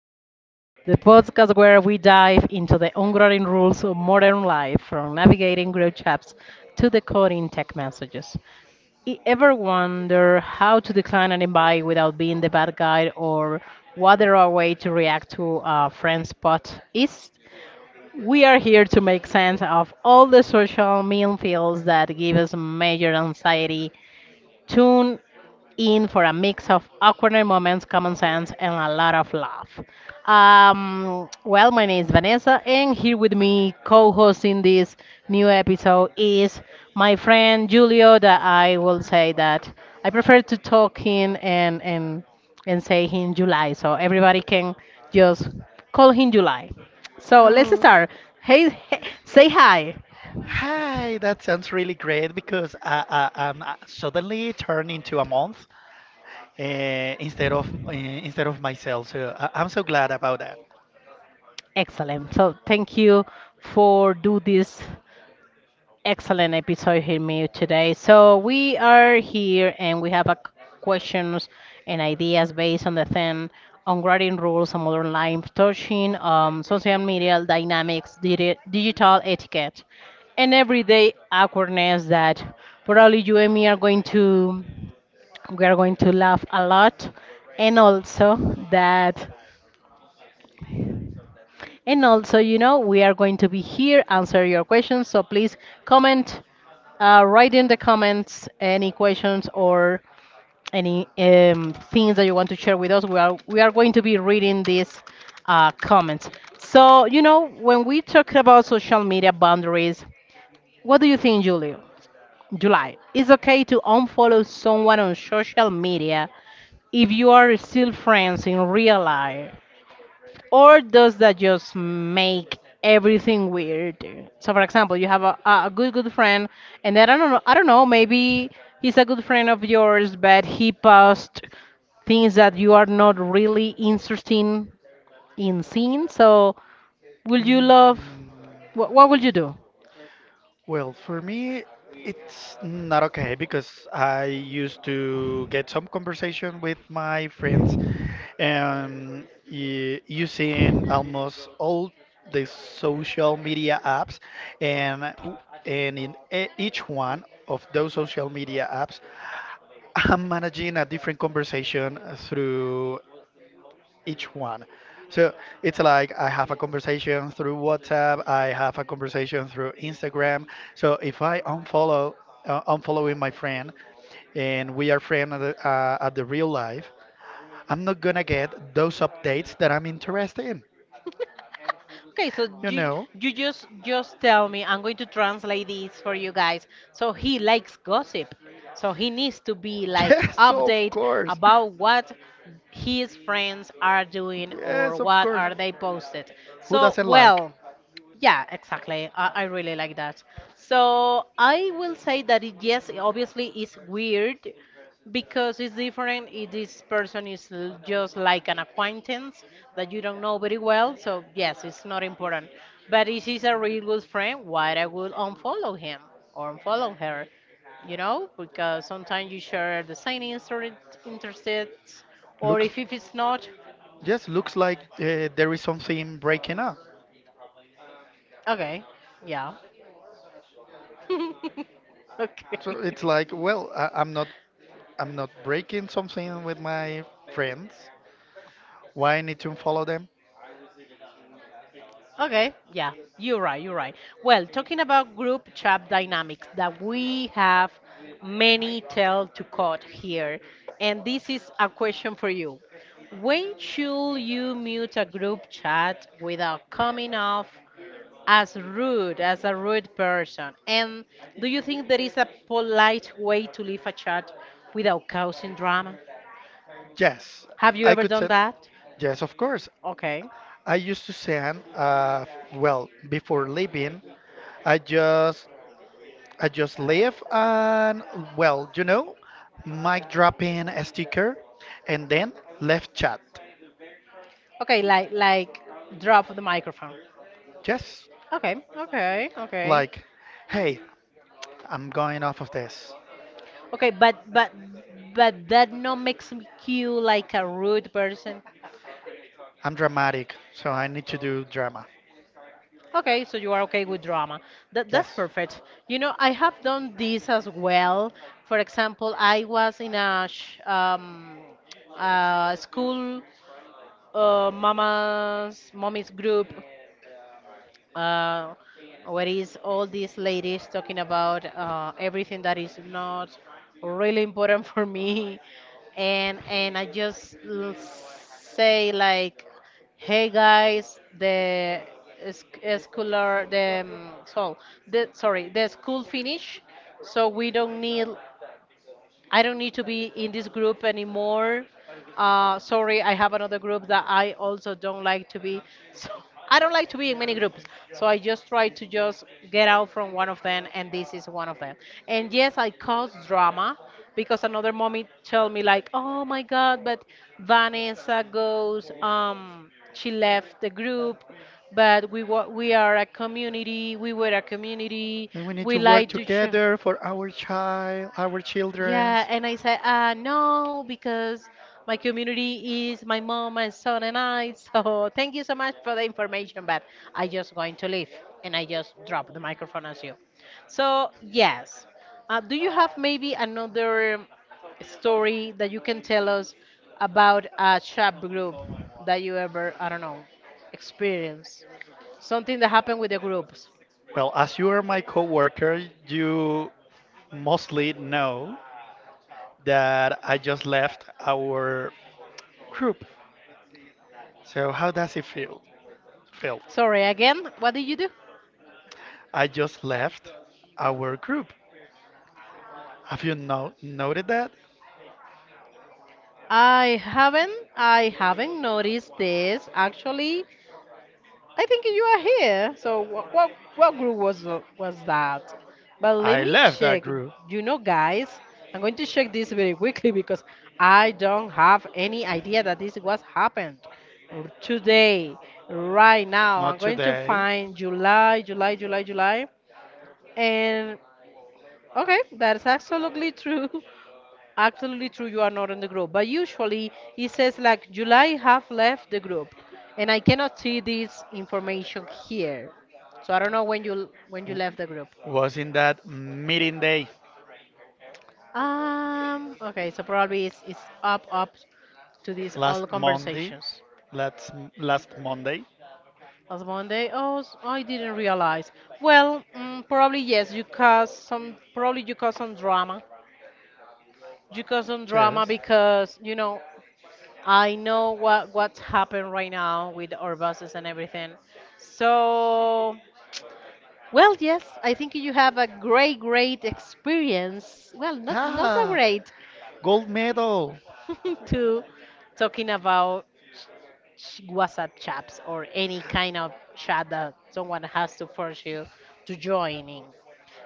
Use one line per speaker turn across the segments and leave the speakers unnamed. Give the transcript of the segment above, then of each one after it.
Sense, the podcast where we dive into the unwritten rules of modern life, from navigating group chats to decoding tech messages. Ever wonder how to decline an invite without being the bad guy, or what the right way to react to a friend's spot is? We are here to make sense of all the social minefields that give us major anxiety. Tune in for a mix of awkward moments, common sense, and a lot of love. My name is Vanessa, and here with me, co hosting this new episode, is my friend Julio. That I will say that I prefer to talk in and say him July, so everybody can just call him July. So let's start. Hey, hey, say hi.
Hi, that sounds really great because I'm suddenly turned into a month instead of myself. So I'm so glad about that.
Excellent. So thank you for do this excellent episode here me today. So we are here and we have a questions and ideas based on the theme on grading rules and modern life, touching social media dynamics, digital etiquette, and everyday awkwardness that probably you and me are going to we are going to laugh a lot, and also that and also, you know, we are going to be here answer your questions. So please comment, write in the comments any questions or any things that you want to share with us. We are going to be reading these comments. So you know, when we talk about social media boundaries, what do you think, Julio? July. It's okay to unfollow someone on social media if you are still friends in real life, or does that just make everything weirder? So, for example, you have a good friend, and then I don't know, maybe he's a good friend of yours, but he posts things that you are not really interested in seeing. So, will you love?
Mm.
What will you do?
Well, for me, it's not okay because I used to get some conversation with my friends and using almost all the social media apps and w- and in each one of those social media apps I'm managing a different conversation through each one. So it's like I have a conversation through WhatsApp, I have a conversation through Instagram. So if I unfollowing my friend, and we are friends at the at the real life, I'm not gonna get those updates that I'm interested in.
Okay, so
You know?
you just tell me. I'm going to translate this for you guys. So he likes gossip. So he needs to be like
Yes, of
update
course.
about what his friends are doing or
Yes, of
what
course.
are they posted.
Who
So
doesn't like?
well, yeah, exactly. I really like that. So I will say that it, yes, it obviously it's weird, because it's different if this person is just like an acquaintance that you don't know very well. So yes, it's not important. But if he's a really good friend, why I would unfollow him or unfollow her? You know, because sometimes you share the same interests, or
Looks,
if it's not,
yes, looks like there is something breaking up.
okay, yeah. Okay.
So it's like, well, I'm not breaking something with my friends. Why I need to follow them?
Okay, yeah, you're right. Well, talking about group chat dynamics, that we have many tell to cut here, and this is a question for you. When should you mute a group chat without coming off as rude, as a rude person? And do you think there is a polite way to leave a chat without causing drama?
Yes,
Have you
I
ever
could
done
send.
that?
Yes, of course.
Okay.
I used to send. Before leaving, I just, I just leave and well, you know, mic dropping a sticker, and then left chat.
Okay, like drop the microphone.
Yes,
Okay, okay, okay.
like, hey, I'm going off of this.
Okay, but that not makes me you like a rude person.
I'm dramatic, so I need to do drama.
Okay, so you are okay with drama. That that's
Yes.
perfect. You know, I have done this as well. For example, I was in a sh school mama's mommy's group, uh, what is all these ladies talking about, everything that is not really important for me, and I just say like, hey guys, the scholar the so the sorry the school finish, so we don't need, I don't need to be in this group anymore. Sorry, I have another group that I also don't like to be. So I don't like to be in many groups. So I just try to just get out from one of them, and this is one of them. And yes, I cause drama because another mommy told me like, "Oh my God, but Vanessa goes. She left the group." But we we are a community. We were a community.
And we need
We
to work
like to share.
together for our child, our children.
Yeah, and I said, no, because my community is my mom, my son, and I. So thank you so much for the information, but I just going to leave, and I just drop the microphone as you. So yes, do you have maybe another story that you can tell us about a chat group that you ever, I don't know, experienced? Something that happened with the groups.
Well, as you are my coworker, you mostly know that I just left our group. So how does it feel? Feel?
Sorry, again, what did you do?
I just left our group. Have you no noted that?
I haven't noticed this actually. I think you are here. So what group was was that? But let
I
me
left that
check.
group.
You know, guys, I'm going to check this very quickly because I don't have any idea that this was happened today, right now. I'm
Not
going to
today.
find July, July, July, July, and okay, that's absolutely true. Absolutely true, you are not in the group. But usually it says like July have left the group, and I cannot see this information here. So I don't know when you
W-
left the group.
Was in that meeting day.
Okay. So probably it's up to these all
Last Monday.
conversations.
Last Last Monday.
Last Monday. Oh, I didn't realize. Well, mm, probably yes. You caused some. Probably you caused some drama. You caused some drama
Yes.
because you know I know what's happened right now with our buses and everything. So, well, yes, I think you have a great experience. Well, not so
Ah,
great
gold medal.
to talking about WhatsApp chats or any kind of chat that someone has to force you to join in.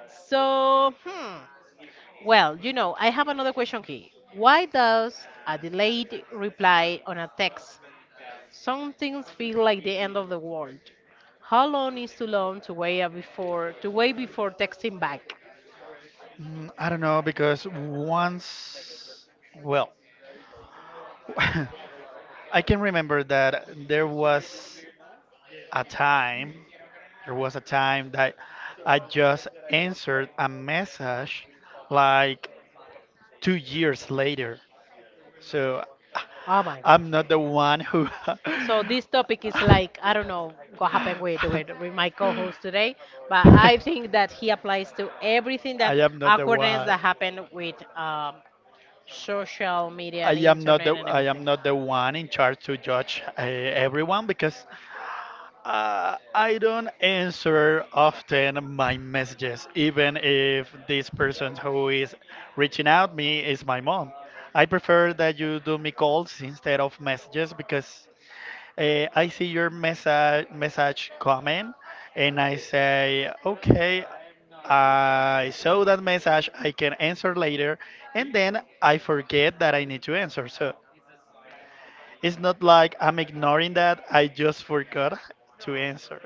So, hmm, well, you know, I have another question here. Why does a delayed reply on a text some things feel like the end of the world? How long is too long to wait before texting back?
I don't know because once, well, I can remember that a time, there was a time that I just answered a message like 2 years later. So
Oh my god.
am not the one who.
So this topic is like I don't know what happened with with my co-host today, but I think that he applies to everything that
I am not the
awkwardness
one.
that happened with social media and internet and
I am
everything.
not the one in charge to judge everyone because I don't answer often my messages, even if this person who is reaching out me is my mom. I prefer that you do me calls instead of messages because I see your message coming, and I say, okay, I saw that message. I can answer later, and then I forget that I need to answer. So it's not like I'm ignoring that. I just forgot to answer.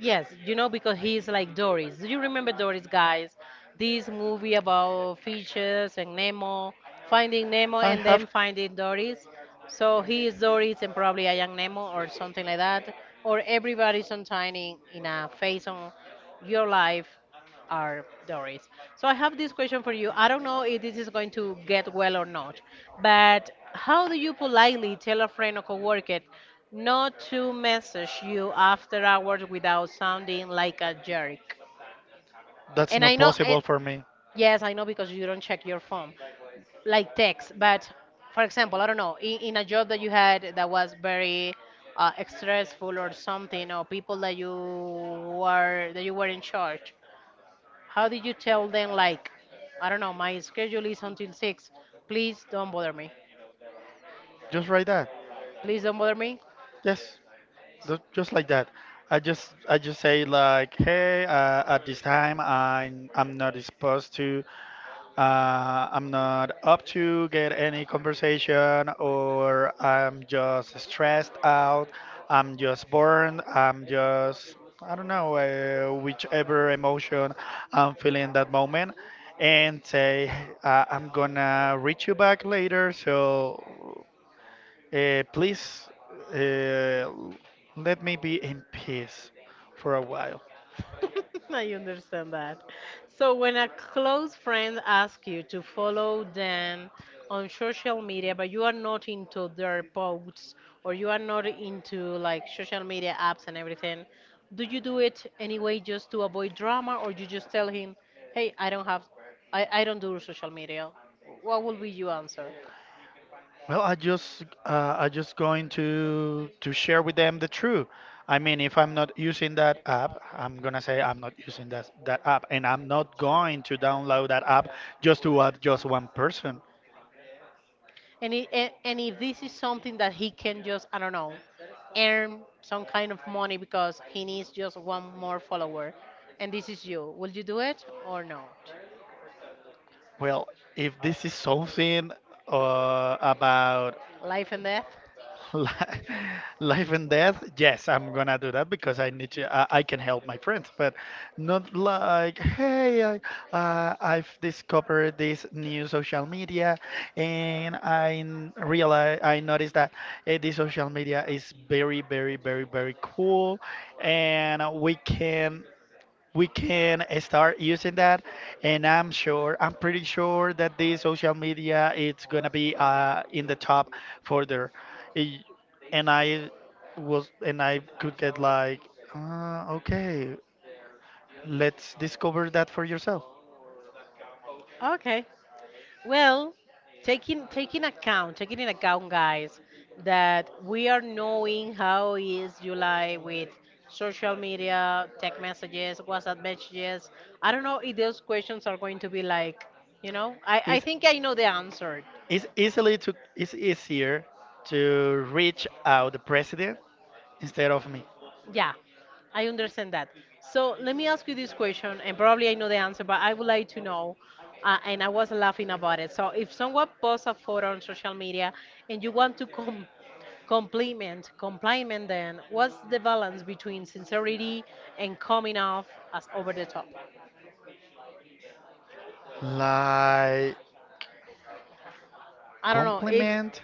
Yes, you know, because he's like Doris. Do you remember Doris, guys? This movie about fishes and Nemo, finding Nemo
I
and then
have.
finding Doris. So he is Doris and probably I am Nemo or something like that. Or everybody sometime in a phase on your life are Doris. So I have this question for you. I don't know if this is going to get well or not, but how do you politely tell a friend or coworker not to message you after hours without sounding like a jerk?
That's
And I
not
know,
possible for me.
yes, I know because you don't check your phone, like text. But for example, I don't know, in a job that you had that was very stressful or something, or people that you were in charge, how did you tell them, like, I don't know, my schedule is until 6. Please don't bother me.
Just write that.
Please don't bother me.
Yes, just like that. I just say like, hey, at this time I'm not disposed to. I'm not up to get any conversation, or I'm just stressed out. I'm just burned. I'm just, I don't know, whichever emotion I'm feeling that moment, and say, I'm gonna reach you back later. So please uh, let me be in peace for a while.
I understand that. So when a close friend asks you to follow them on social media, but you are not into their posts, or you are not into like social media apps and everything, do you do it anyway just to avoid drama, or you just tell him, "Hey, I don't do social media"? What will be your answer?
Well, I just going to share with them the truth. I mean, if I'm not using that app, I'm gonna say I'm not using that app, and I'm not going to download that app just to add just one person.
And, and if this is something that he can just, I don't know, earn some kind of money because he needs just one more follower, and this is you, will you do it or not?
Well, if this is something about
Life and death?
Li- Life and death. Yes, I'm gonna do that because I need to. I can help my friends, but not like, hey, I've discovered this new social media, and I noticed that this social media is very, very, very, very cool, and we can start using that and I'm pretty sure that the social media it's gonna be in the top further I- and I was and I could get like okay, let's discover that for yourself.
Okay. Well, taking in account, guys, that we are knowing how is July with social media, text messages, WhatsApp messages. I don't know if those questions are going to be like, you know, I think I know the answer.
It's easily to it's easier to reach out the president instead of me.
Yeah, I understand that. So let me ask you this question, and probably I know the answer, but I would like to know. And I was laughing about it. So if someone posts a photo on social media and you want to compliment, then what's the balance between sincerity and coming off as over the top?
Like
I don't know. If
compliment.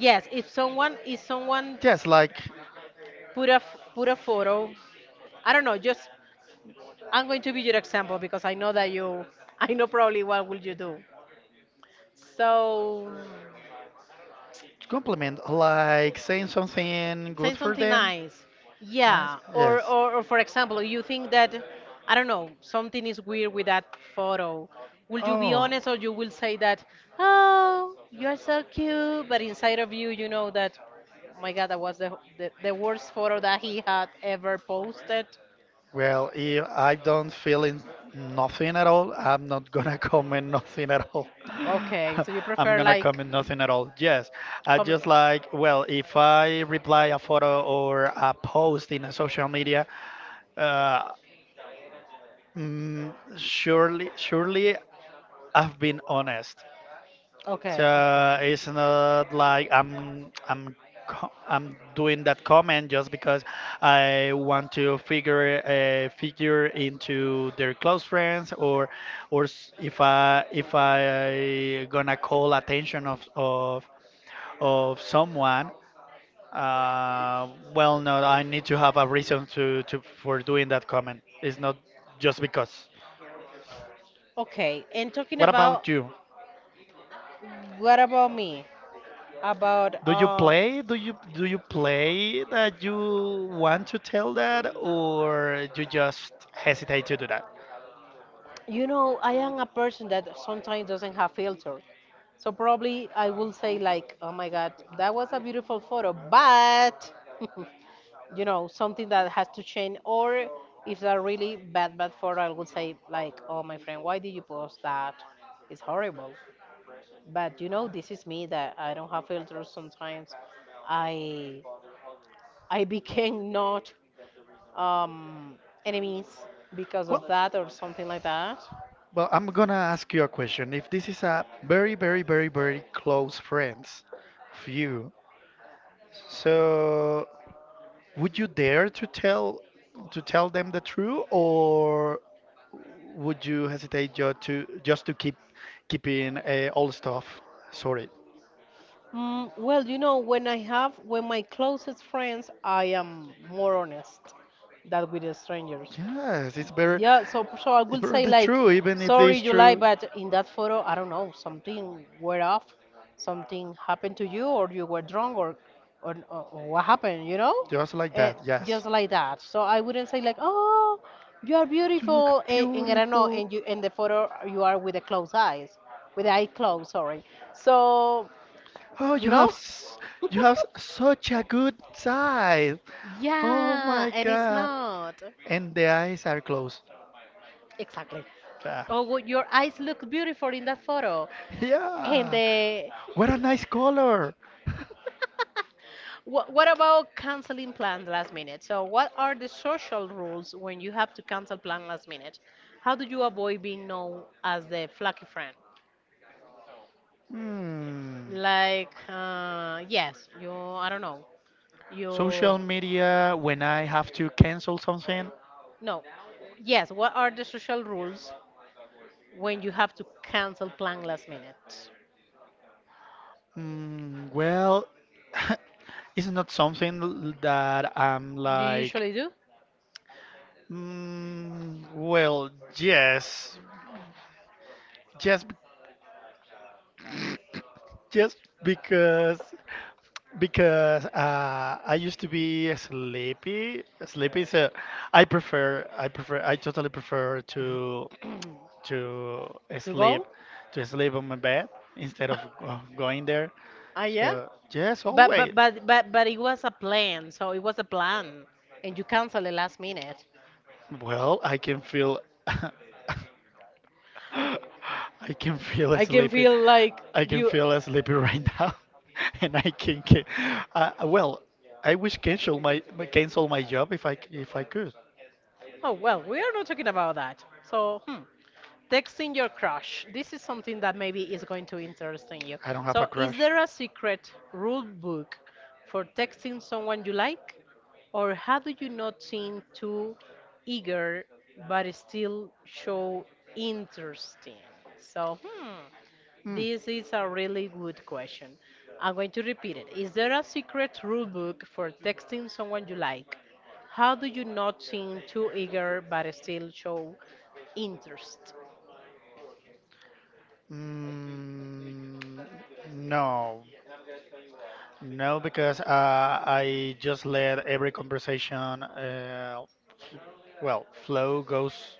yes, if someone
Yes, like
put a photo, I don't know. Just I'm going to be your example because I know that you. I know probably what will you do. So,
compliment, like saying something
say
good for
something
them.
nice.
Nice.
Yeah.
Yes.
Or for example, you think that, I don't know, something is weird with that photo. Will you be
Oh.
honest, or you will say that, oh, you're so cute, but inside of you, you know that, oh my God, that was the worst photo that he had ever posted.
Well, if I don't feel in nothing at all, I'm not gonna comment nothing at all.
Okay, so you
I'm
prefer
gonna
like
comment nothing at all. Yes, I
coming.
just like, well, if I reply a photo or a post in a social media, uh, surely I've been honest.
Okay, okay.
So it's not like I'm doing that comment just because I want to figure into their close friends or or if I gonna call attention of someone. Well, no, I need to have a reason to for doing that comment. It's not just because.
Okay, and talking
What
about,
about you?
what about me? About
Do you do you play that you want to tell that, or you just hesitate to do that?
You know, I am a person that sometimes doesn't have filter, so probably I will say like, oh my god, that was a beautiful photo, but you know, something that has to change. Or if a really bad photo, I would say like, oh, my friend, why did you post that? It's horrible. But you know, this is me, that I don't have filters sometimes. I i became not um enemies because
Well,
of that or something like that.
well, I'm gonna ask you a question. If this is a very, very, very, very close friends of you, so would you dare to tell them the truth, or would you hesitate just to keep keeping all stuff? Sorry.
Mm, well, you know, when I have, when my closest friends, I am more honest than with the strangers.
Yes, it's better.
Yeah, so I
It's
will
better
say
than
like,
true, even if
sorry,
it's
July,
true.
but in that photo, I don't know, something were off, something happened to you, or you were drunk, or or what happened, you know.
Just like
Eh,
that, yes.
just like that. So I wouldn't say like, oh, you are
You look
beautiful, and I don't know,
beautiful.
and you in the photo you are with the closed eyes, with the eye closed, sorry. So
Oh,
you
you have
know.
s- you have s- such a good side. Oh
Yeah,
my
and it's
God.
not.
And the eyes are closed.
Exactly.
Ah.
Oh, well, your eyes look beautiful in that photo. And
Yeah.
the.
What a nice color.
What about canceling plan last minute? So, what are the social rules when you have to cancel plan last minute? How do you avoid being known as the flaky friend?
Hmm.
Like, yes, you, I don't know, you,
Social media, when I have to cancel something,
no, yes, what are the social rules when you have to cancel plan last minute?
mm, well, it's not something that I'm
You
like,
usually do.
mm, well, yes, just, bec- just because, because I used to be sleepy. Sleepy, so I totally prefer to. to
To
sleep
go?
to sleep on my bed instead of going there.
Ah, yeah.
So yes,
But
always.
it was a plan, so it was a plan, and you cancel it last minute.
Well, I can feel I can feel
I can
sleepy.
feel like
I can
you.
feel sleepy right now, and Uh, well, I wish cancel cancel my job if if I could.
Oh well, we are not talking about that. So hmm. Texting your crush. This is something that maybe is going to interest in you.
I don't have a
So, is
crush.
there a secret rule book for texting someone you like? Or how do you not seem too eager but still show interesting? So, hmm,
Hmm.
this is a really good question. I'm going to repeat it. Is there a secret rule book for texting someone you like? How do you not seem too eager but still show interest?
Mm, no, No, because I just let every conversation, flow goes,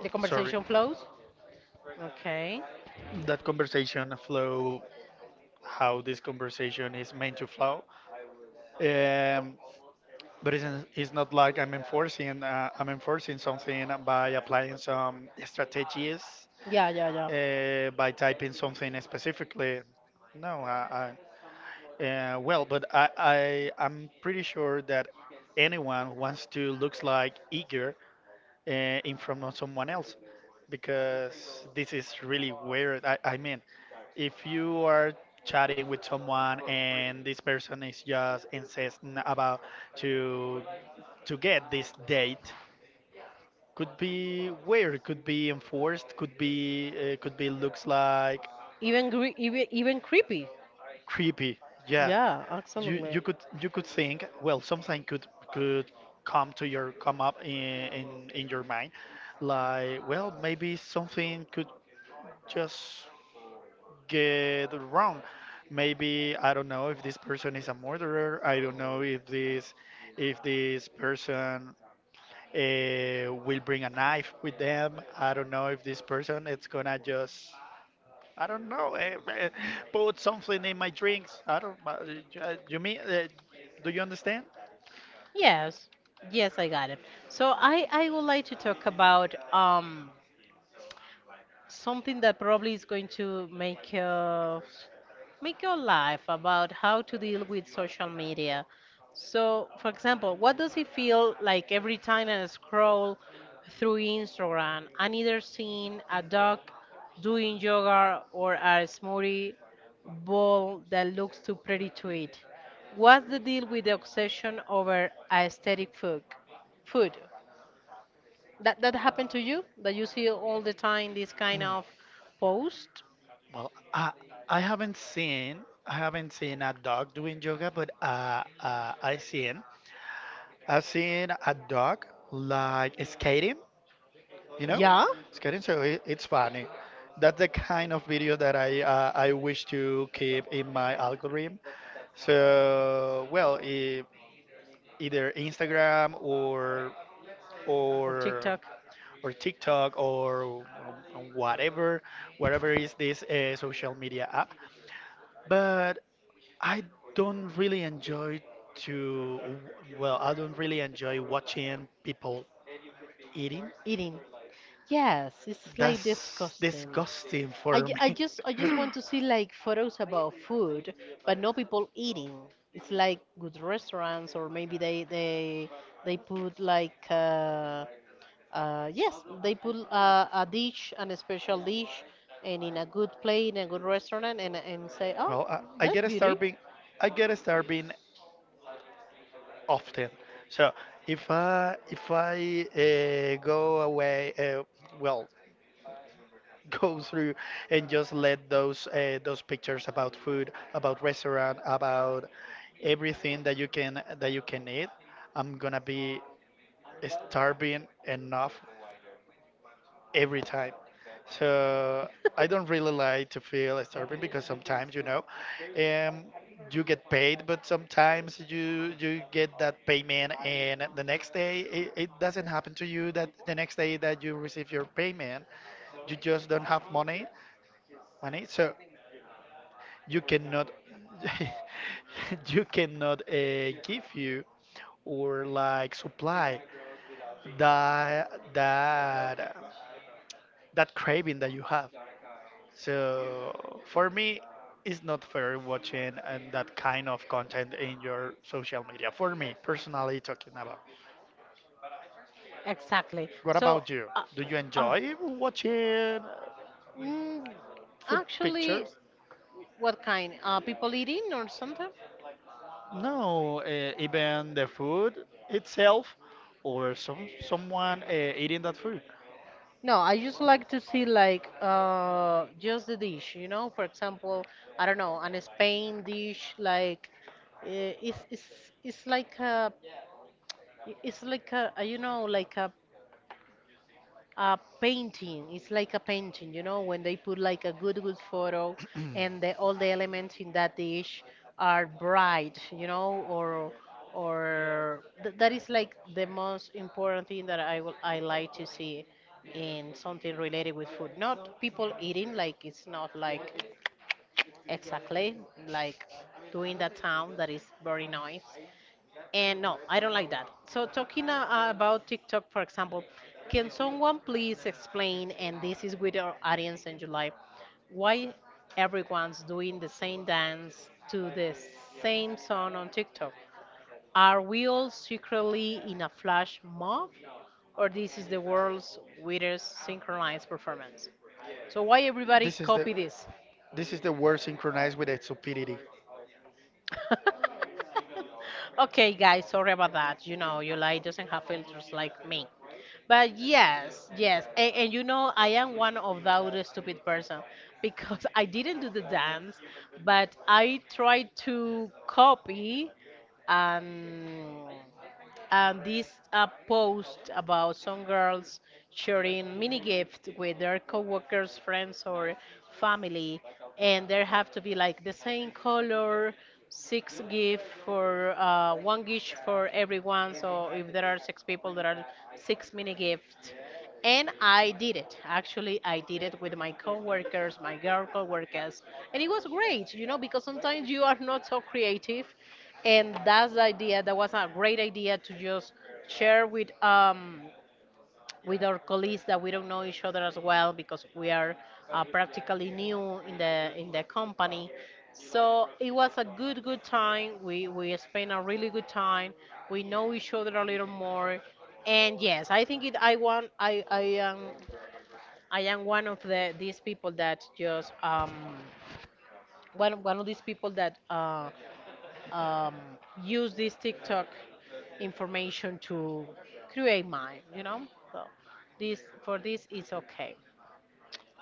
The
sorry,
conversation flows. Okay.
that conversation flow, how this conversation is meant to flow. Um, but it's, it's not like I'm enforcing something by applying some strategies,
Yeah, yeah, yeah.
by typing something specifically. No, I, well, but I, I'm pretty sure that anyone wants to looks like eager uh, in front of someone else because this is really weird. I mean, if you are chatting with someone and this person is just insisting about to to get this date. Could be weird, could be enforced, could be looks like
Even gre- even even creepy.
creepy, yeah.
Yeah, absolutely.
You could think, well, something could come to your come up in your mind, like, well, maybe something could just get wrong. Maybe I don't know if this person is a murderer. I don't know if this person will bring a knife with them. I don't know if this person it's gonna just I don't know, put something in my drinks. I don't. You mean? Do you understand?
Yes. Yes, I got it. So I would like to talk about something that probably is going to make us make your life about how to deal with social media. So, for example, what does it feel like every time I scroll through Instagram? I'm either seeing a dog doing yoga or a smoothie bowl that looks too pretty to eat. What's the deal with the obsession over aesthetic food? Food that happened to you? That you see all the time this kind
Mm.
of post?
Well, I haven't seen a dog doing yoga, but I've seen a dog like skating, you know,
Yeah,
skating. So it, it's funny. That's the kind of video that I wish to keep in my algorithm. So well, either Instagram or
or
or
TikTok?
or TikTok or um, whatever, whatever is this social media app. But I don't really enjoy to well, I don't really enjoy watching people eating.
Eating. Yes, it's like
That's
disgusting.
disgusting for
I
me.
just I just want to see like photos about food, but no people eating. It's like good restaurants, or maybe they put like yes, they put a dish, an special dish, and in a good plate in a good restaurant, and say, oh,
Well, I
that's
get
beauty.
starving. I get starving often. So if I go away, well, go through and just let those pictures about food, about restaurant, about everything that you can eat, I'm gonna be starving enough every time. So I don't really like to feel starving because sometimes, you know, um, you get paid, but sometimes you get that payment, and the next day it doesn't happen to you that the next day that you receive your payment, you just don't have money, money.
So.
So you cannot, you cannot give you or like supply that that that craving that you have. So for me, it's not fair watching and that kind of content in your social media. For me, personally talking about.
Exactly.
What
So,
about you?
uh,
Do you
uh,
enjoy watching uh,
mm,
food
actually,
pictures?
what kind? People eating or something?
No, even the food itself, or someone eating that food.
No, I just like to see like just the dish. You know, for example, I don't know, an Spain dish like uh, it's it's it's like a it's like a you know, like a painting. It's like a painting, you know, when they put like a good, good photo and the, all the elements in that dish are bright, you know, or that is like the most important thing that I like to see in something related with food. Not people eating, like it's not like exactly like doing that sound that is very nice, and no, I don't like that. So, talking about TikTok, for example, can someone please explain, and this is with our audience in July, why everyone's doing the same dance to the same song on TikTok? Are we all secretly in a flash mob, or this is the world's weirdest synchronized performance? So, why everybody
This is the
copy this?
this is the word synchronized with the stupidity.
Okay, guys, sorry about that. You know, you like doesn't have filters like me. But yes, yes, and you know, I am one of those stupid person because I didn't do the dance, but I tried to copy. Um, and this post about some girls sharing mini gifts with their coworkers, friends, or family, and there have to be like the same color, six gift for one gift for everyone. So if there are six people, there are six mini gifts. And I did it. Actually, I did it with my coworkers, my girl coworkers, and it was great. You know, because sometimes you are not so creative, and that's the idea, that was a great idea to just share with our colleagues that we don't know each other as well, because we are practically new in the company. So it was a good time, we spent a really good time, we know each other a little more. And yes, I think it, I want, I am one of the these people that just one of these people that um, use this TikTok information to create mine, you know? So this for this is okay.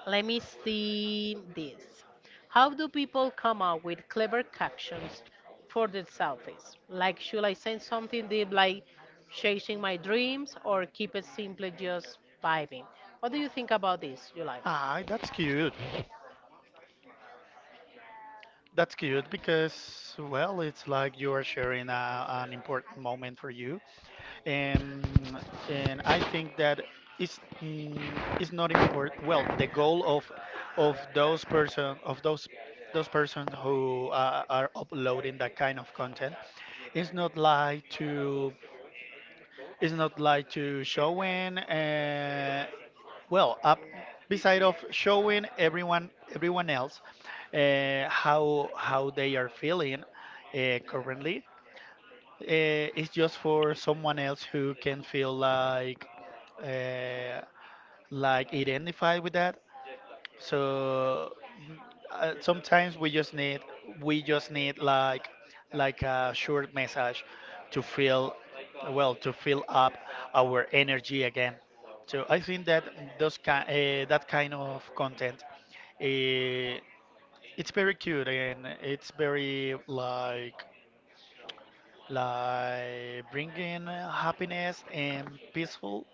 Let me see this. How do people come up with clever captions for their selfies? Like, should I send something deep like chasing my dreams, or keep it simply just vibing? What do you think about this, July?
Ah, that's cute. That's cute because, well, it's like you are sharing an important moment for you. Um, and I think that it's not important. Well, the goal of those persons who are uploading that kind of content is not like to it's not like to showing. Well, up beside of showing everyone else how they are feeling currently, it's just for someone else who can feel like uh, identified with that. So sometimes we just need like a short message to feel well to fill up our energy again. So I think that that kind of content, uh, it's very cute and it's very like bringing happiness and peaceful.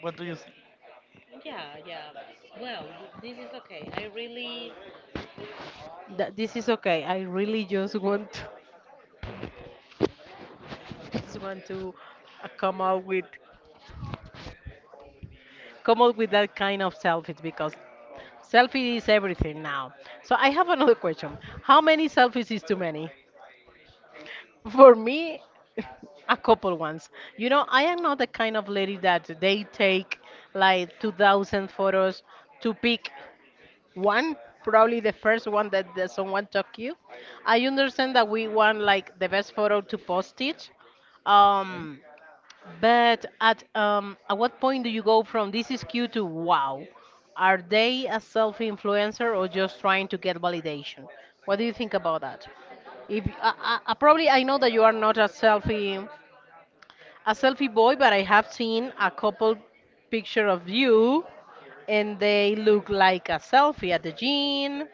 What do you think?
Yeah, yeah. Well, this is okay. I really That this is okay. I really just want to uh, come out with come out with that kind of selfies, because selfie is everything now. So I have another question. How many selfies is too many? For me, a couple ones. You know, I am not the kind of lady that they take like 2,000 photos to pick one, probably the first one that, that someone took you. I understand that we want like the best photo to post it. Um, But at what point do you go from this is cute to wow? Are they a self influencer or just trying to get validation? What do you think about that? If I, I probably I know that you are not a selfie a selfie boy, but I have seen a couple picture of you, and they look like a selfie at the gym.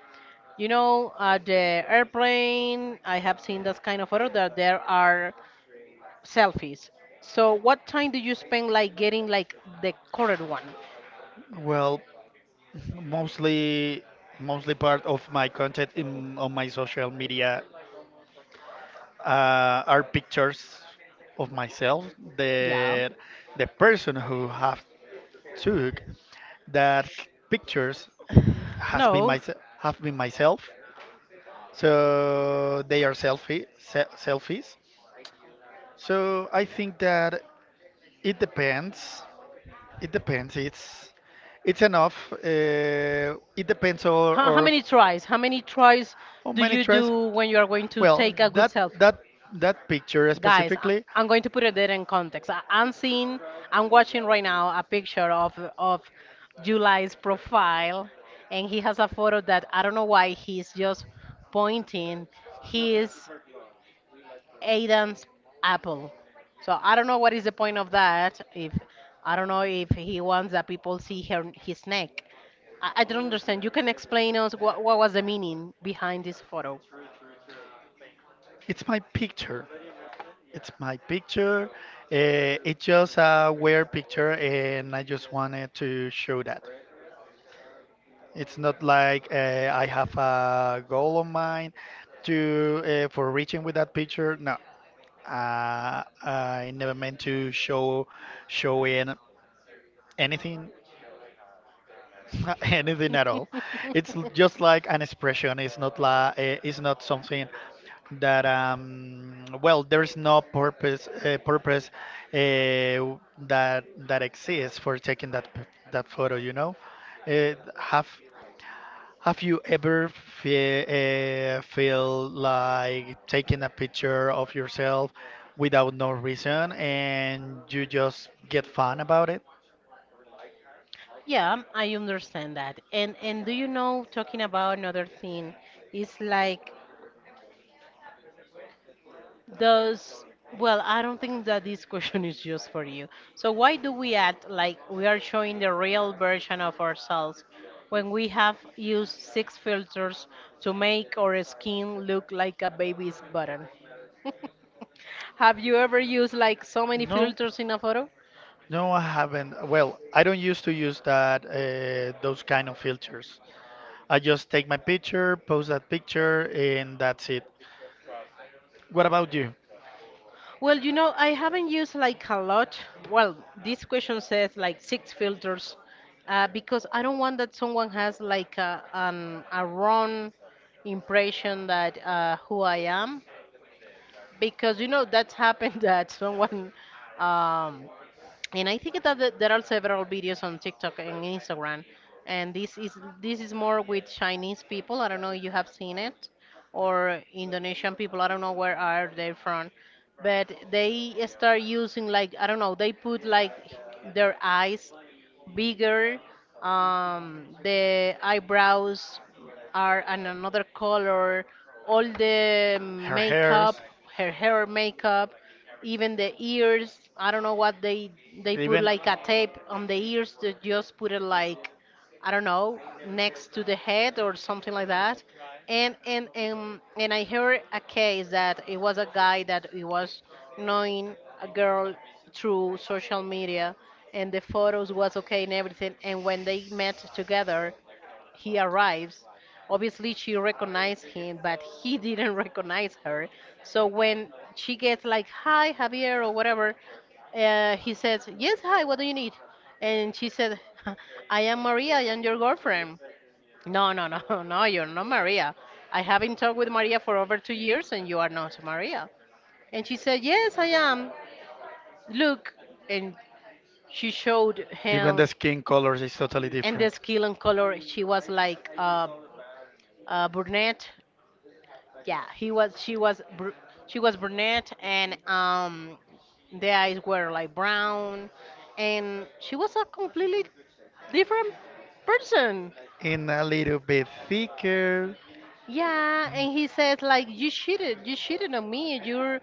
You know, at the airplane, I have seen this kind of photo that there are selfies. So what time do you spend like getting like the correct one?
Well, mostly mostly part of my content in, on my social media are pictures of myself.
Yeah.
the the person who have took pictures has been
No.
my have been myself, so they are selfies. So I think that it depends it depends it's it's enough. It depends
How
or
many tries? How many tries
Oh,
do
many
you
tries.
do when you are going to
Well,
take a good selfie?
that that picture
Guys,
specifically.
I'm going to put it there in context. I'm seeing, I'm watching right now a picture of July's profile, and he has a photo that I don't know why he's just pointing. He is. Aidan's apple. So I don't know what is the point of that. If I don't know if he wants that people see her, his neck. I don't understand. You can explain us what was the meaning behind this photo.
It's my picture. It's my picture. It's just a weird picture, and I just wanted to show that. It's not like I have a goal of mine to for reaching with that picture. No, uh, I never meant to show show in anything anything at all. It's just like an expression. It's not la, it's not something that well there's no purpose uh, that that exists for taking that photo, you know. It Have you ever fe feel like taking a picture of yourself without no reason and you just get fun about it?
Yeah, I understand that. And do you know, talking about another thing, it's like Does, well, I don't think that this question is just for you. So, why do we act like we are showing the real version of ourselves when we have used six filters to make our skin look like a baby's button? Have you ever used like so many
No,
filters in a photo?
no, I haven't. Well, I don't used to use that those kind of filters. I just take my picture, post that picture, and that's it. What about you?
Well, you know, I haven't used like a lot. Well, this question says like six filters because I don't want that someone has like a, a wrong impression that who I am, because you know that's happened that someone um, and I think that there are several videos on TikTok and Instagram, and this is more with Chinese people. I don't know if you have seen it, or Indonesian people. I don't know where are they from, but they start using like I don't know. They put like their eyes bigger. The eyebrows are an another color. All the
Her hairs,
makeup, her hair makeup, even the ears. I don't know what they put like a tape on the ears to just put it like I don't know, next to the head or something like that. And and I heard a case that it was a guy that he was knowing a girl through social media, and the photos was okay and everything, and when they met together, he arrives, obviously she recognized him, but he didn't recognize her. So when she gets like, hi Javier or whatever, he says, yes, hi, what do you need? And she said, I am Maria, I am your girlfriend. No, no, no, no, you're not Maria. I haven't talked with Maria for over 2 years, and you are not Maria. And she said, yes, I am. Look. And she showed
even
him.
the skin colors is totally
And the
and.
skill and color, she was like brunette. Yeah, he was. She was. Br- she was brunette, and the eyes were like brown, and she was a completely different person.
And a little bit thicker.
Yeah, and he says like, "You cheated. You cheated on me. You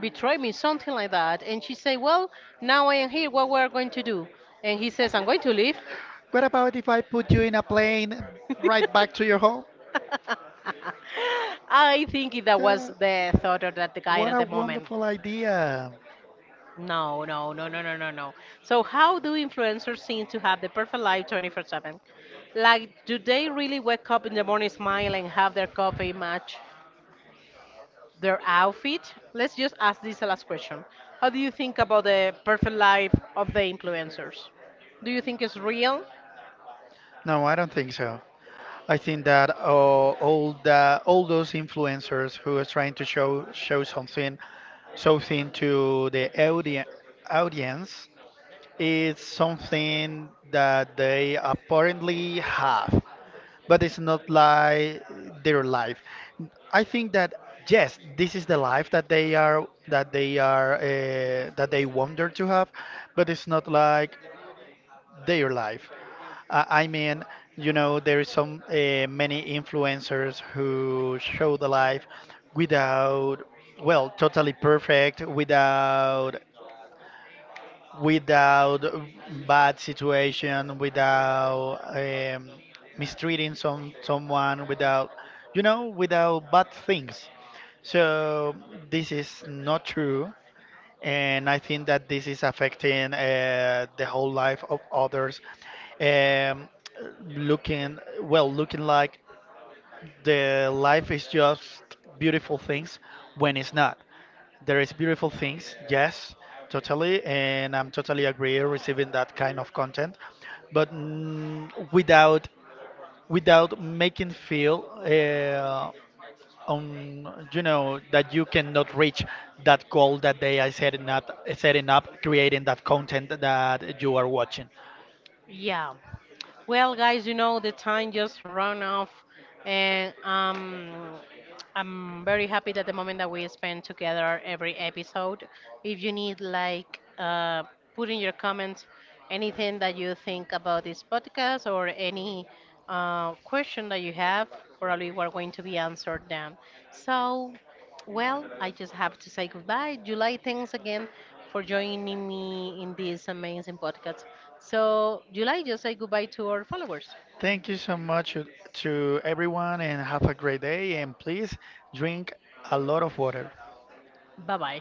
betrayed me. Something like that." And she said, "Well, now I am here. What we're going to do?" And he says, "I'm going to leave."
What about if I put you in a plane right back to your home?
I think that was
Yeah,
the thought of that the guy
what
at
a
the moment.
wonderful idea.
No, no, no, no, no, no, no. So how do influencers seem to have the perfect life 24/7? Like, do they really wake up in the morning, smile, and have their coffee match their outfit? Let's just ask this last question. How do you think about the perfect life of the influencers? Do you think it's real?
No, I don't think so. I think that all those influencers who are trying to show something something to the audience is something that they apparently have, but it's not like their life. I think that yes, this is the life that they are that they are that they wonder to have, but it's not like their life. I mean, you know, there is some many influencers who show the life without, well, totally perfect, without without bad situation, without mistreating someone, without, you know, without bad things. So this is not true, and I think that this is affecting the whole life of others. Um, looking like the life is just beautiful things when it's not. There is beautiful things, yes, totally, and I'm totally agree receiving that kind of content, but mm, without without making feel on you know that you cannot reach that goal that they are setting up creating that content that you are watching.
Yeah. Well, guys, you know the time just run off, and I'm very happy that the moment that we spend together every episode. If you need like put in your comments anything that you think about this podcast or any question that you have, probably we're going to be answered then. So. Well, I just have to say goodbye. July, thanks again for joining me in this amazing podcast. So, July, just say goodbye to our followers.
Thank you so much to everyone and have a great day. And please drink a lot of water.
Bye bye.